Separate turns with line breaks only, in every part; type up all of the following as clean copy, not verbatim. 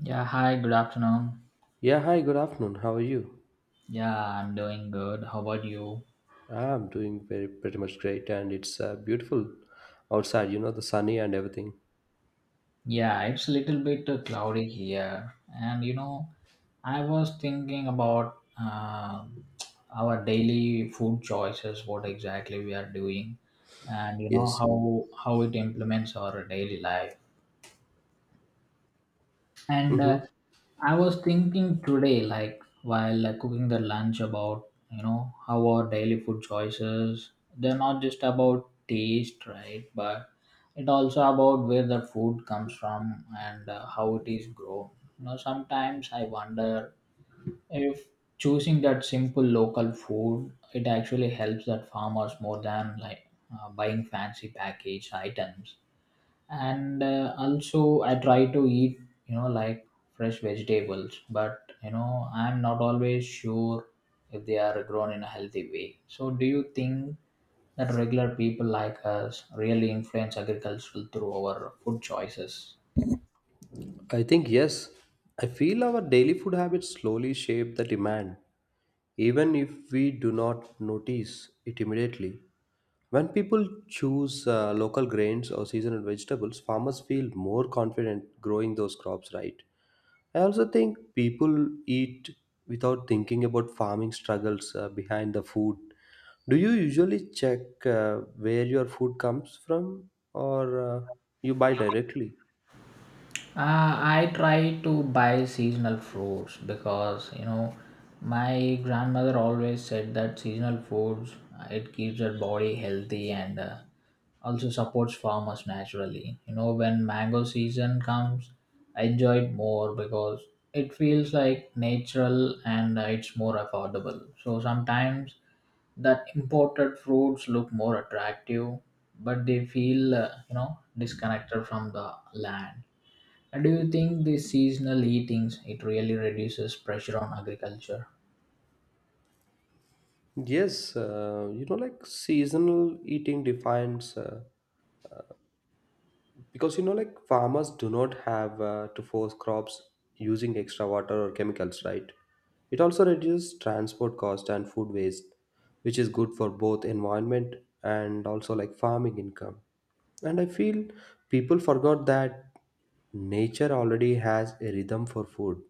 Yeah, hi, good afternoon.
Yeah, hi, good afternoon. How are you?
Yeah, I'm doing good. How about you?
I'm doing very pretty much great, and it's beautiful outside, you know, the sunny and everything.
Yeah, it's a little bit cloudy here. And you know, I was thinking about our daily food choices, what exactly we are doing, and you know
Yes.
how it implements our daily life. And
Mm-hmm.
I was thinking today, like while cooking the lunch, about you know how our daily food choices they're not just about taste, right? But it also about where the food comes from and how it is grown. You know, sometimes I wonder if choosing that simple local food it actually helps that farmers more than like buying fancy packaged items and also I try to eat you know like fresh vegetables but you know I'm not always sure if they are grown in a healthy way. So do you think that regular people like us really influence agriculture through our food choices?
I think, yes, I feel our daily food habits slowly shape the demand, even if we do not notice it immediately. When people choose local grains or seasonal vegetables, farmers feel more confident growing those crops, right? I also think people eat without thinking about farming struggles behind the food. Do you usually check where your food comes from or you buy directly?
I try to buy seasonal fruits because you know my grandmother always said that seasonal foods it keeps your body healthy and also supports farmers naturally. You know when mango season comes, I enjoy it more because it feels like natural and it's more affordable. So sometimes that imported fruits look more attractive, but they feel you know disconnected from the land. Do you think the seasonal eatings it really reduces pressure on agriculture?
Yes, you know, like seasonal eating defines. Because you know like farmers do not have to force crops using extra water or chemicals, right? It also reduces transport cost and food waste, which is good for both environment and also like farming income. And I feel people forgot that nature already has a rhythm for food.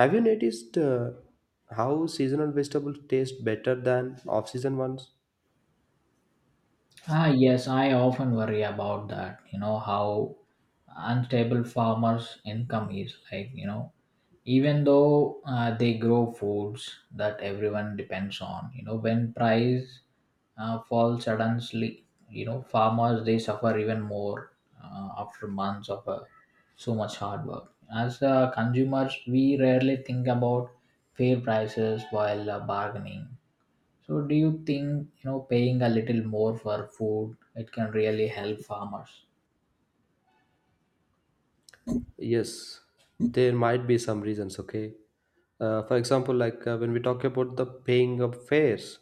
Have you noticed how seasonal vegetables taste better than off-season ones?
Ah, yes, I often worry about that. You know how unstable farmers' income is like, you know, even though they grow foods that everyone depends on, you know, when price falls suddenly, you know, farmers they suffer even more after months of so much hard work. As consumers, we rarely think about fair prices while bargaining. So do you think, you know, paying a little more for food, it can really help farmers?
Yes, there might be some reasons, okay? For example, like when we talk about the paying of fares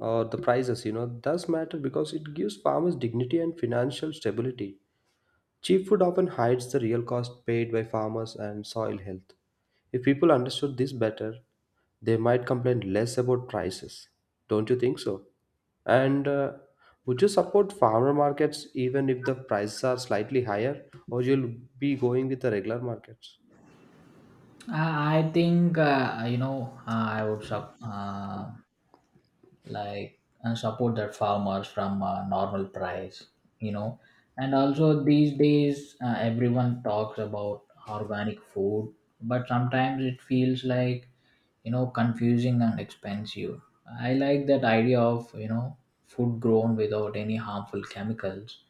or the prices, you know, does matter because it gives farmers dignity and financial stability. Cheap food often hides the real cost paid by farmers and soil health. If people understood this better, they might complain less about prices. Don't you think so? And Would you support farmer markets even if the prices are slightly higher, or you'll be going with the regular markets?
I think, you know, uh, I would sup- uh, like and support the farmers from a normal price, you know. And also these days, everyone talks about organic food, but sometimes it feels like, you know, confusing and expensive. I like that idea of, you know, food grown without any harmful chemicals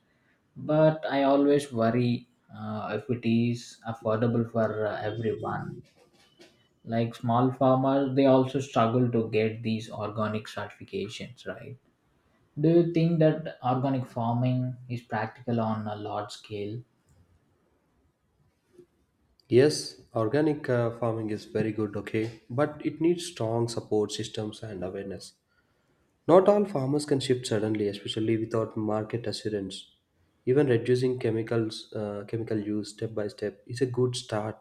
but I always worry if it is affordable for everyone. Like small farmers they also struggle to get these organic certifications, right? Do you think that organic farming is practical on a large scale?
Yes, organic farming is very good, okay, but it needs strong support systems and awareness. Not all farmers can shift suddenly, especially without market assurance. Even reducing chemicals, chemical use step by step is a good start.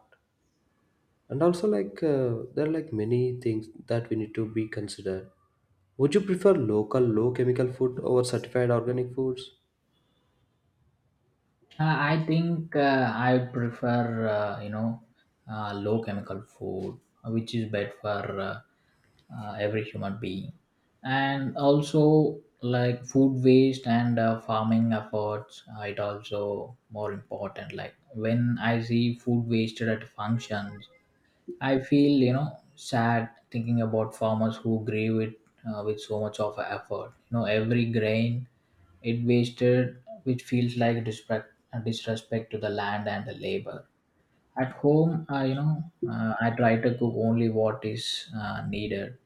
And also, like there are like many things that we need to be considered. Would you prefer local, low chemical food over certified organic foods?
I think I prefer you know low chemical food which is better for uh, every human being. And also like food waste and farming efforts it also more important. Like when I see food wasted at functions I feel you know sad thinking about farmers who grew it with so much of effort. You know every grain it wasted, which feels like disrespect, disrespect to the land and the labor. At home I you know I try to cook only what is needed.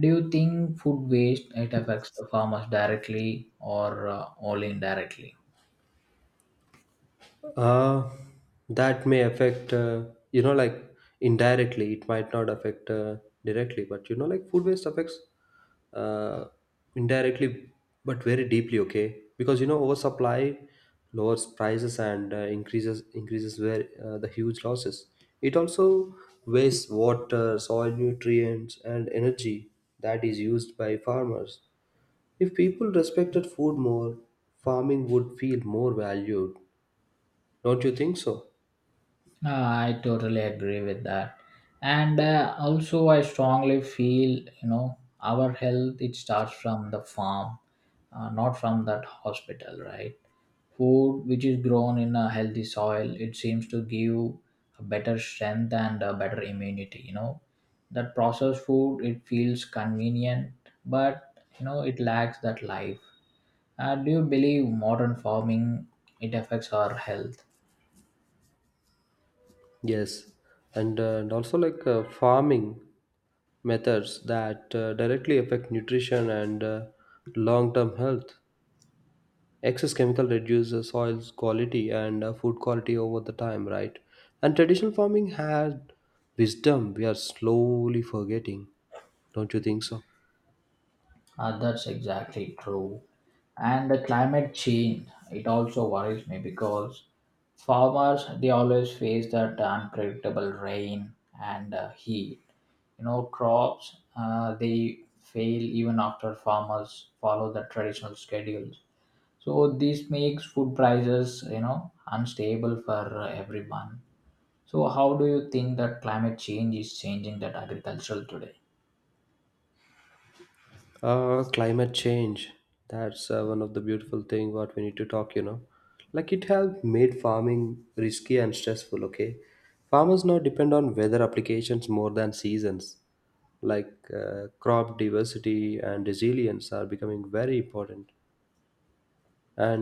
Do you think food waste it affects the farmers directly or only indirectly?
Uh, that may affect, you know, like indirectly, it might not affect directly, but you know, like food waste affects uh, indirectly, but very deeply, okay? Because you know, oversupply lowers prices and uh, increases where the huge losses. It also wastes water, soil nutrients, and energy that is used by farmers. If people respected food more, farming would feel more valued. Don't you think so?
I totally agree with that, and also I strongly feel you know our health it starts from the farm, not from that hospital, right? Food which is grown in a healthy soil it seems to give a better strength and a better immunity. You know that processed food it feels convenient, but you know it lacks that life. Do you believe modern farming it affects our health?
Yes, and and also like farming methods that directly affect nutrition and long-term health. Excess chemical reduces soil's quality and food quality over the time, right? And traditional farming had wisdom we are slowly forgetting, don't you think so?
That's exactly true. And the climate change it also worries me because farmers they always face that unpredictable rain and heat. You know, crops they fail even after farmers follow the traditional schedules. So this makes food prices you know unstable for everyone. So, how do you think that climate change is changing that agricultural today?
Climate change. That's one of the beautiful thing what we need to talk, you know. Like it have made farming risky and stressful, okay? Farmers now depend on weather applications more than seasons. Like crop diversity and resilience are becoming very important.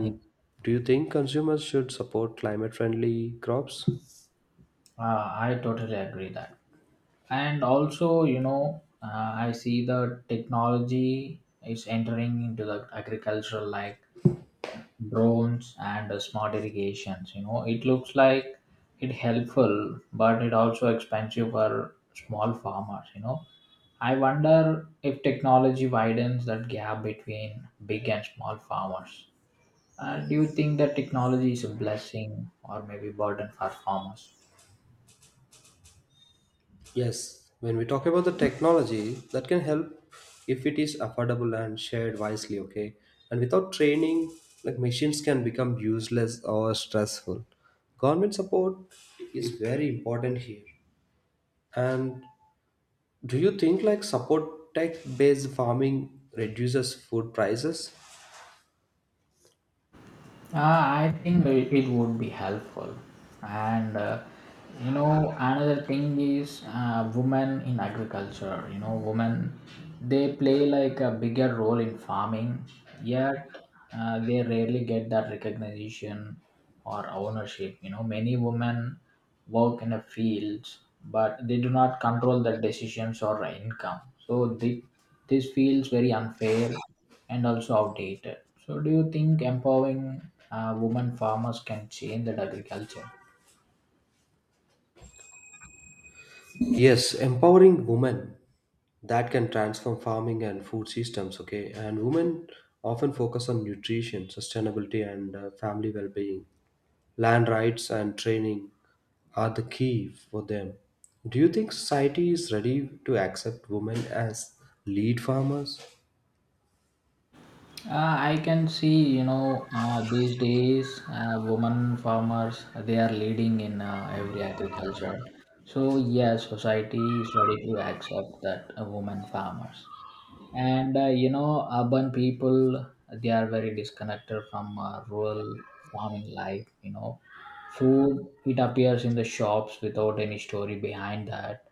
Right.
do you think consumers should support climate friendly crops?
I totally agree that, and also you know I see the technology is entering into the agricultural like drones and smart irrigations. You know, it looks like it helpful, but it also expensive for small farmers. You know, I wonder if technology widens that gap between big and small farmers. Do you think that technology is a blessing or maybe burden for farmers?
Yes, when we talk about the technology, that can help if it is affordable and shared wisely, okay? And without training, like machines can become useless or stressful. Government support is very important here. And do you think like support tech-based farming reduces food prices?
I think it would be helpful. And you know, another thing is women in agriculture. You know, women they play like a bigger role in farming, yet they rarely get that recognition or ownership. You know, many women work in the fields, but they do not control their decisions or income. So they, this feels very unfair and also outdated. So do you think empowering women farmers can change that agriculture?
Yes, empowering women that can transform farming and food systems, okay? And women often focus on nutrition, sustainability, and family well-being. Land rights and training are the key for them. Do you think society is ready to accept women as lead farmers?
I can see, you know, these days, women farmers they are leading in every agriculture. So yes, society is ready to accept that women farmers. And you know urban people they are very disconnected from rural farming life. You know food it appears in the shops without any story behind that,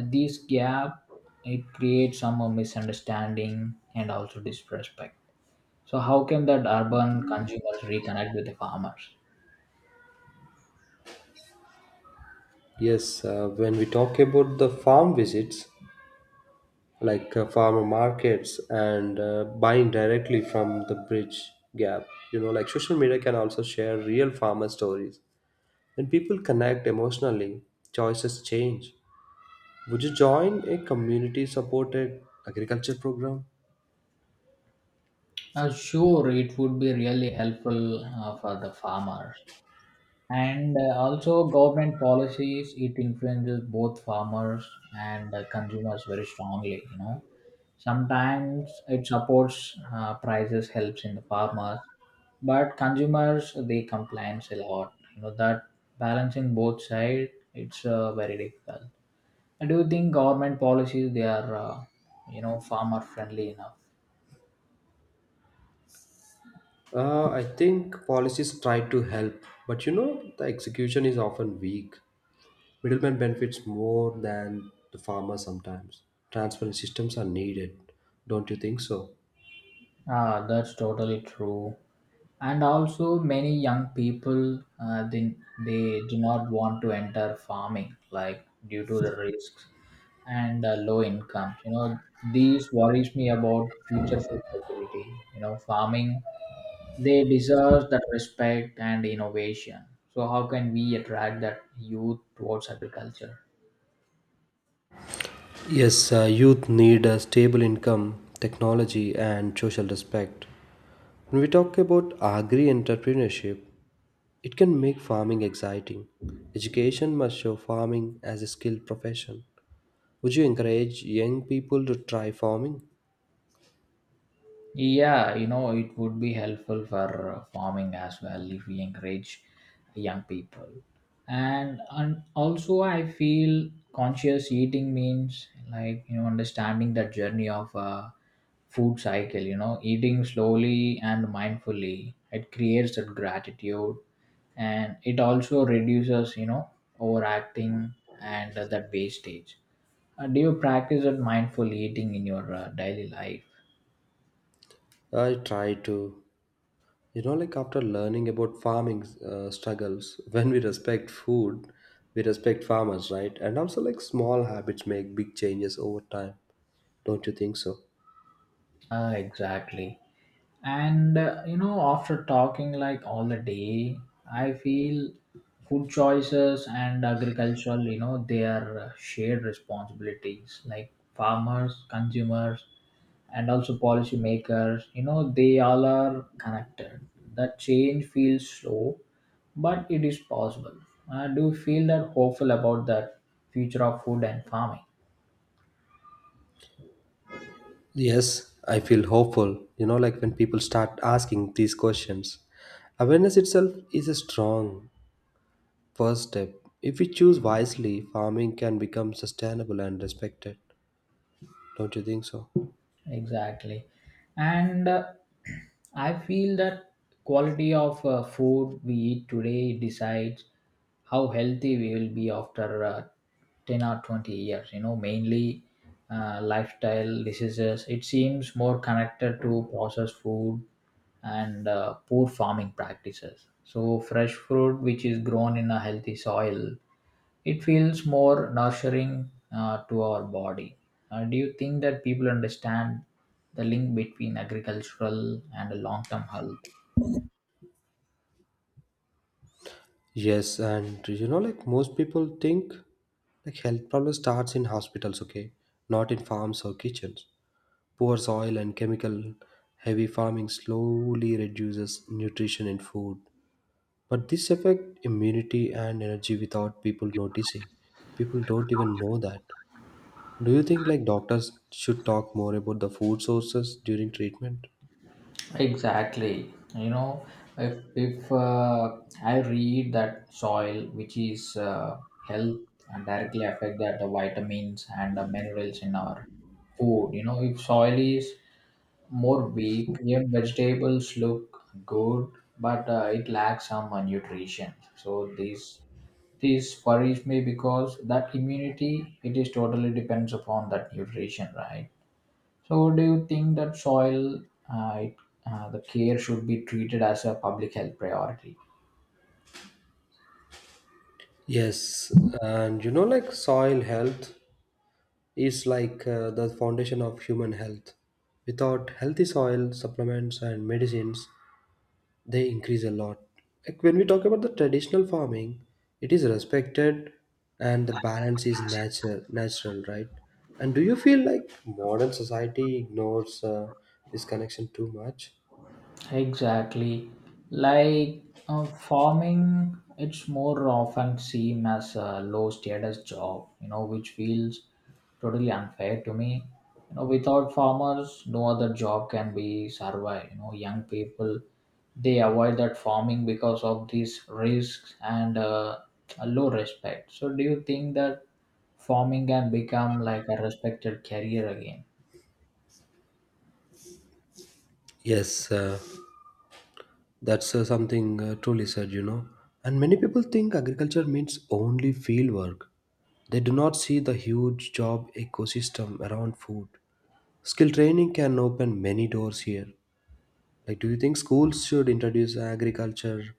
and this gap it creates some misunderstanding and also disrespect. So how can that urban consumers reconnect with the farmers?
Yes, when we talk about the farm visits, like farmer markets and buying directly from the bridge gap. You know, like social media can also share real farmer stories. When people connect emotionally, choices change. Would you join a community supported agriculture program?
Sure, it would be really helpful for the farmers. And also government policies it influences both farmers and consumers very strongly. You know sometimes it supports prices, helps in the farmers, but consumers they complain a lot. You know that balancing both sides it's very difficult. Do you think government policies they are you know farmer friendly enough?
I think policies try to help, but you know, the execution is often weak. Middlemen benefits more than the farmer sometimes. Transparent systems are needed. Don't you think so?
Ah, that's totally true. And also many young people they do not want to enter farming like due to the risks and low incomes. You know these worries me about future food security. You know farming they deserve that respect and innovation. So how can we attract that youth towards agriculture?
Yes, youth need a stable income, technology, and social respect. When we talk about agri entrepreneurship, it can make farming exciting. Education must show farming as a skilled profession. Would you encourage young people to try farming?
Yeah, you know, it would be helpful for farming as well if we encourage young people. And also, I feel conscious eating means like, you know, understanding the journey of a food cycle, you know, eating slowly and mindfully. It creates that gratitude and it also reduces, you know, overacting and that wastage. Do you practice that mindful eating in your daily life?
I try to. You know, like after learning about farming struggles, when we respect food, we respect farmers, right? And also, like small habits make big changes over time. Don't you think so?
Exactly. And you know, after talking like all the day, I feel food choices and agricultural, you know, they are shared responsibilities like farmers, consumers, and also policymakers. You know, they all are connected. That change feels slow, but it is possible. Do you feel that hopeful about the future of food and farming?
Yes, I feel hopeful. You know, like when people start asking these questions, awareness itself is a strong first step. If we choose wisely, farming can become sustainable and respected. Don't you think so?
Exactly. And I feel that quality of food we eat today decides how healthy we will be after 10 or 20 years. You know, mainly lifestyle diseases. It seems more connected to processed food and poor farming practices. So, fresh fruit which is grown in a healthy soil it feels more nurturing to our body. Do you think that people understand the link between agricultural and long-term health?
Yes, and you know, like most people think, like health problem starts in hospitals, okay, not in farms or kitchens. Poor soil and chemical heavy farming slowly reduces nutrition in food. But this affect immunity and energy without people noticing. People don't even know that. Do you think like doctors should talk more about the food sources during treatment?
Exactly. You know, if I read that soil, which is health, directly affect that the vitamins and the minerals in our food. You know, if soil is more weak, even vegetables look good, but it lacks some nutrition. So these This worries me because that immunity it is totally depends upon that nutrition, right? So do you think that soil uh, it, the care should be treated as a public health priority?
Yes, and you know, like soil health is like the foundation of human health. Without healthy soil, supplements, and medicines, they increase a lot. Like when we talk about the traditional farming, it is respected and the balance is nature, natural, right? And do you feel like modern society ignores this connection too much?
Exactly. Like farming, it's more often seen as a low status job, you know, which feels totally unfair to me. You know, without farmers, no other job can be survive. You know, young people they avoid that farming because of these risks and a low respect. So, do you think that farming can become like a respected career again?
Yes, that's something truly said, you know. And many people think agriculture means only field work. They do not see the huge job ecosystem around food. Skill training can open many doors here. Like, do you think schools should introduce agriculture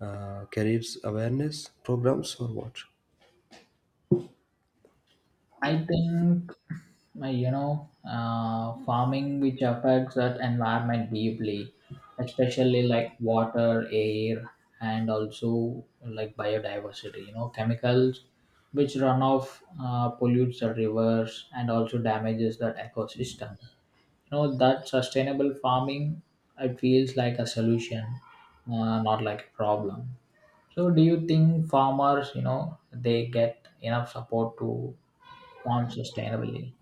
careers awareness programs or what?
I think you know farming which affects that environment deeply, especially like water, air, and also like biodiversity. You know chemicals which run off pollutes the rivers and also damages that ecosystem. You know that sustainable farming it feels like a solution, not like a problem. So do you think farmers you know they get enough support to farm sustainably?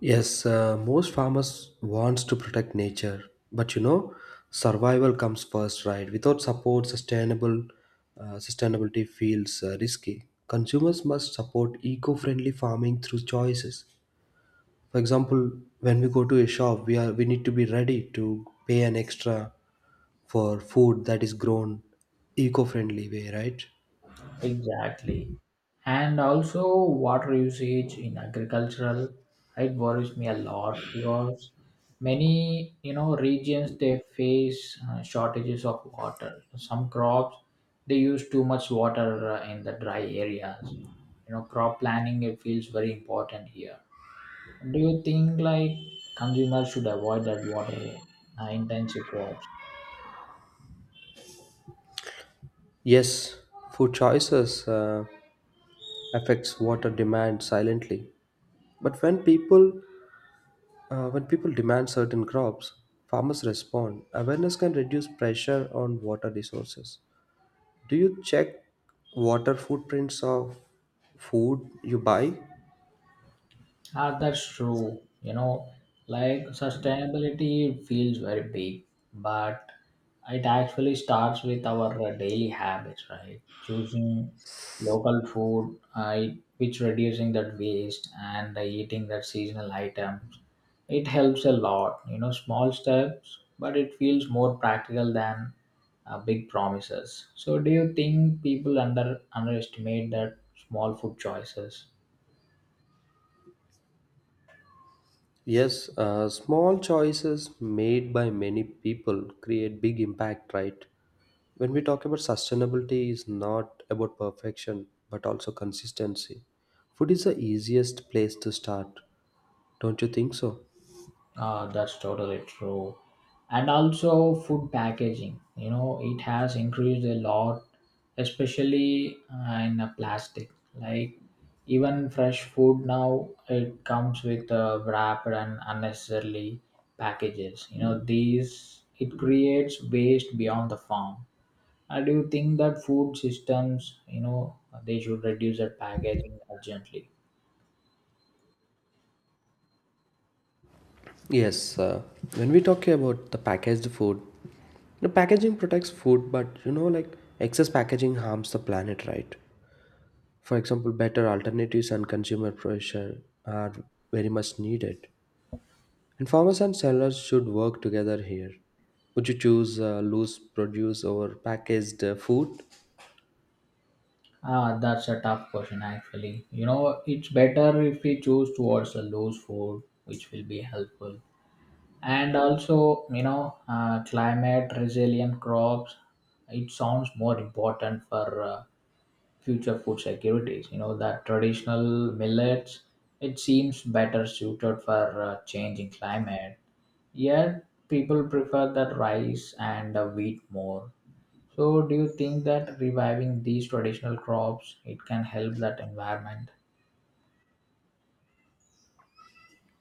Yes, most farmers wants to protect nature, but you know, survival comes first, right? Without support, sustainable sustainability feels risky. Consumers must support eco-friendly farming through choices. For example, when we go to a shop, we need to be ready to pay an extra for food that is grown eco-friendly way, right?
Exactly. And also water usage in agricultural it worries me a lot because many you know regions they face shortages of water. Some crops they use too much water in the dry areas. You know crop planning it feels very important here. Do you think like consumers should avoid that water intensive crops?
Yes, food choices affects water demand silently. But when people demand certain crops, farmers respond. Awareness can reduce pressure on water resources. Do you check water footprints of food you buy?
Ah, that's true. You know, like sustainability feels very big, but it actually starts with our daily habits, right? Choosing local food, I which reducing that waste and eating that seasonal items. It helps a lot. You know, small steps, but it feels more practical than big promises. So, do you think people underestimate that small food choices?
Yes, small choices made by many people create big impact, right? When we talk about sustainability is not about perfection but also consistency. Food is the easiest place to start, don't you think so?
That's totally true. And also food packaging, you know, it has increased a lot, especially in plastic. Like even fresh food now, it comes with wrapped and unnecessarily packages. You know, these it creates waste beyond the farm. I Do you think that food systems, you know, they should reduce their packaging urgently?
Yes, when we talk about the packaged food, the packaging protects food, but you know, like excess packaging harms the planet, right? For example, better alternatives and consumer pressure are very much needed. And farmers and sellers should work together here. Would you choose loose produce over packaged food?
Ah, that's a tough question actually. You know, it's better if we choose towards a loose food, which will be helpful. And also, you know, climate resilient crops, it sounds more important for future food securities. You know, that traditional millets, it seems better suited for changing climate. Yet, people prefer that rice and wheat more. So do you think that reviving these traditional crops it can help that environment?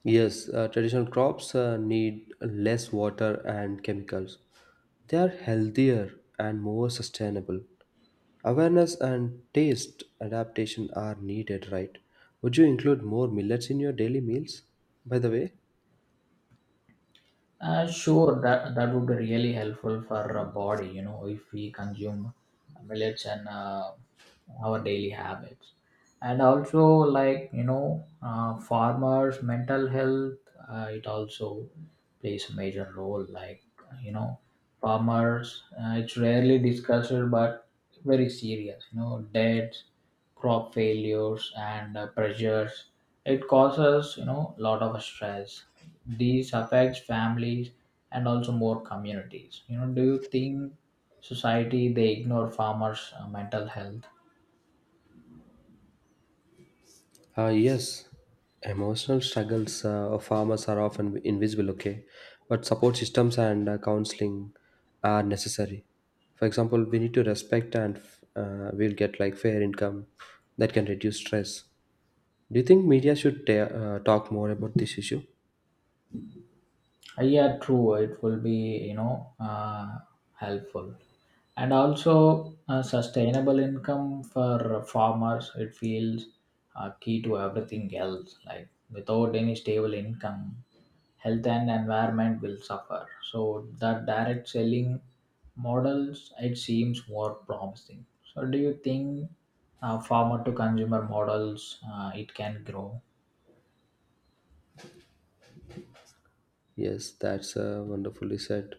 Yes, traditional crops need less water and chemicals. They are healthier and more sustainable. Awareness and taste adaptation are needed, right? Would you include more millets in your daily meals, by the way?
Sure, that would be really helpful for our body. You know, if we consume millets and our daily habits, and also like you know, farmers' mental health, it also plays a major role. Like you know, farmers, it's rarely discussed, but very serious. You know, debts, crop failures, and pressures. It causes you know a lot of stress. These affects families and also more communities. You know, do you think society they ignore farmers' mental health?
Yes, emotional struggles of farmers are often invisible, okay, but support systems and counseling are necessary. For example, we need to respect and we'll get like fair income that can reduce stress. Do you think media should talk more about this issue?
Yeah, true. It will be you know helpful. And also sustainable income for farmers it feels key to everything else, like without any stable income health and environment will suffer. So that direct selling models it seems more promising. So do you think farmer to consumer models it can grow?
Yes, that's wonderfully said.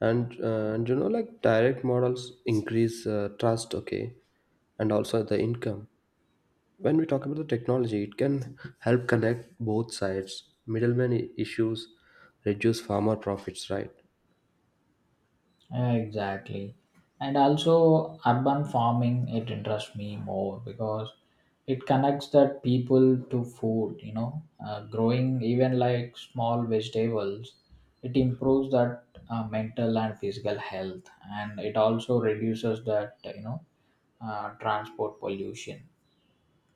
And you know, like direct models increase trust, okay, and also the income. When we talk about the technology, it can help connect both sides. Middleman issues reduce farmer profits, right?
Exactly. And also, urban farming, it interests me more because it connects that people to food, you know, growing even like small vegetables, it improves that mental and physical health. And it also reduces that, you know, transport pollution.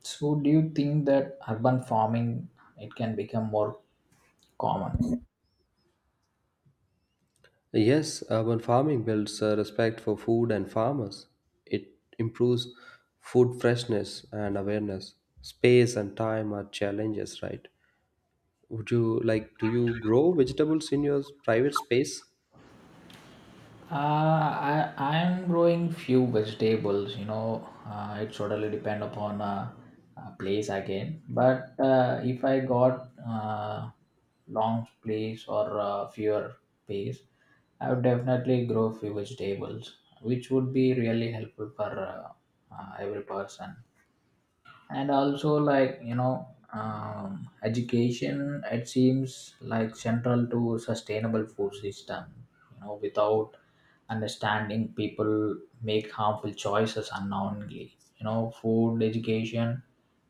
So, do you think that urban farming, it can become more common?
Yes, urban farming builds respect for food and farmers. It improves food freshness and awareness. Space and time are challenges, right? Would you like do you grow vegetables in your private space?
I'm growing few vegetables. You know, it totally depend upon place again. But if I got long place or fewer space, I would definitely grow few vegetables, which would be really helpful for every person. And also like you know, education it seems like central to sustainable food system. You know, without understanding people make harmful choices unknowingly. You know, food education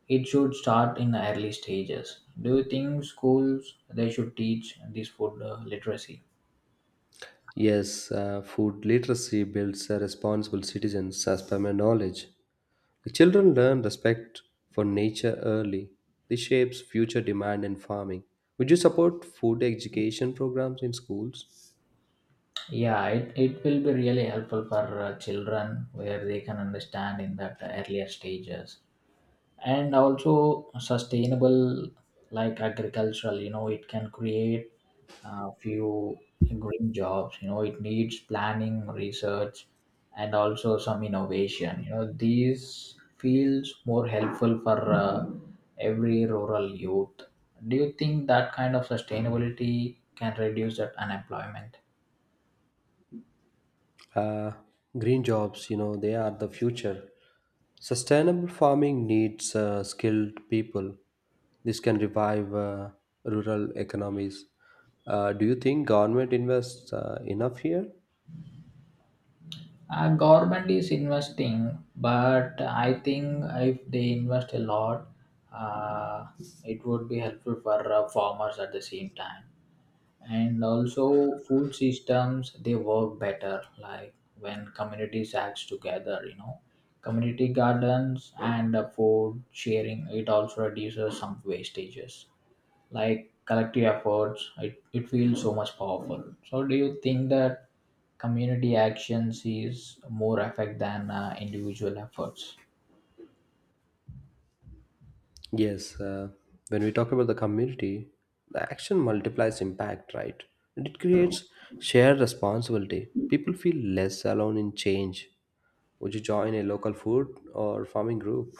it should start in the early stages. Do you think schools they should teach this food literacy?
Yes, food literacy builds responsible citizens as per my knowledge. The children learn respect for nature early. This shapes future demand in farming. Would you support food education programs in schools?
Yeah, it will be really helpful for children where they can understand in that earlier stages. And also sustainable like agricultural you know it can create a few green jobs. You know, it needs planning, research, and also some innovation. You know, these feels more helpful for every rural youth. Do you think that kind of sustainability can reduce that unemployment?
Uh, Green jobs, you know, they are the future. Sustainable farming needs skilled people. This can revive rural economies. Do you think government invests enough here?
Government is investing, but I think if they invest a lot, uh, it would be helpful for farmers at the same time. And also, food systems they work better, like when communities act together. You know, community gardens and food sharing it also reduces some wastages. Like collective efforts it feels so much powerful. So do you think that community actions is more effect than individual efforts?
Yes, when we talk about the community, the action multiplies impact, right? And it creates shared responsibility. People feel less alone in change. Would you join a local food or farming group?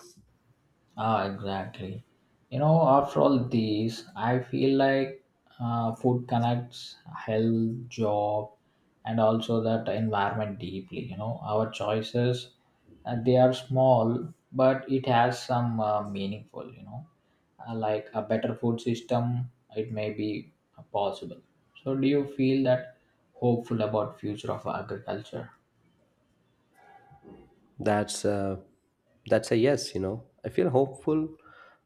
Ah, exactly. You know, after all these, I feel like food connects health, job, and also that environment deeply. You know, our choices, they are small, but it has some meaningful. You know, like a better food system, it may be possible. So, do you feel that hopeful about future of agriculture?
That's a yes. You know, I feel hopeful,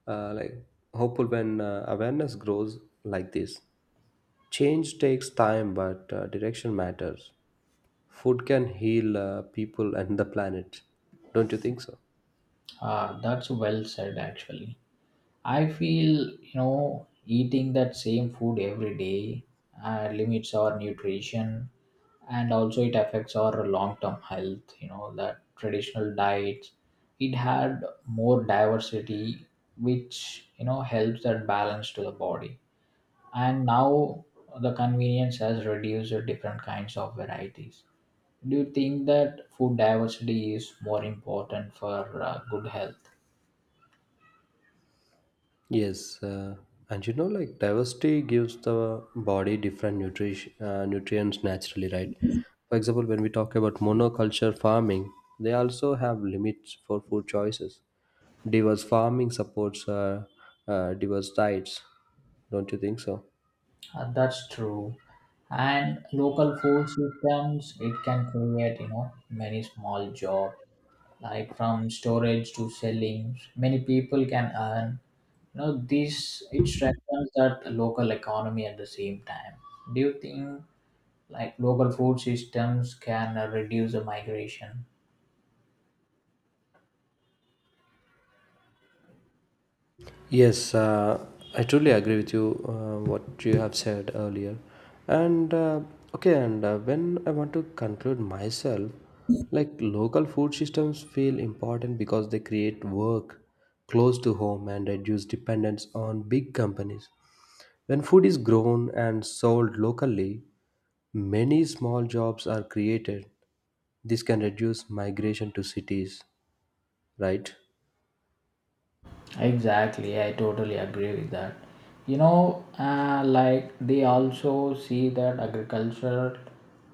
like hopeful when awareness grows like this. Change takes time, but direction matters. Food can heal people and the planet. Don't you think so?
Ah, that's well said, actually. I feel, you know, eating that same food every day limits our nutrition and also it affects our long term health. You know, that traditional diets, it had more diversity, which, you know, helps that balance to the body. And now the convenience has reduced the different kinds of varieties. Do you think that food diversity is more important for good health?
Yes, and you know, like diversity gives the body different nutrition nutrients naturally, right? For example, when we talk about monoculture farming, they also have limits for food choices. Diverse farming supports diverse diets, don't you think so?
That's true. And local food systems, it can create, you know, many small jobs, like from storage to selling. Many people can earn. You know, this it strengthens that local economy at the same time. Do you think like local food systems can reduce the migration?
Yes, I truly agree with you, what you have said earlier. And okay, and when I want to conclude myself, like local food systems feel important because they create work close to home and reduce dependence on big companies. When food is grown and sold locally, many small jobs are created. This can reduce migration to cities, right?
Exactly, I totally agree with that. You know, like they also see that agriculture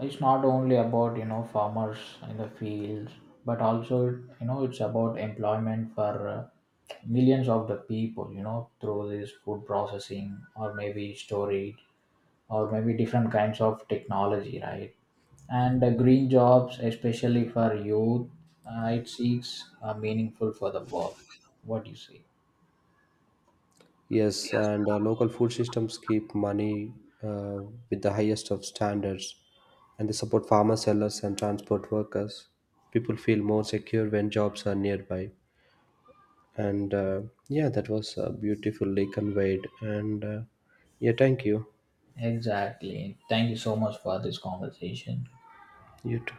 is not only about you know farmers in the fields, but also you know it's about employment for millions of the people. You know, through this food processing or maybe storage or maybe different kinds of technology, right? And green jobs, especially for youth, it seeks meaningful for the work. What do you say?
Yes, and local food systems keep money uh, with the highest of standards, and they support farmer sellers and transport workers. People feel more secure when jobs are nearby. And yeah, that was beautifully conveyed. And yeah, thank you.
Exactly. Thank you so much for this conversation.
You too.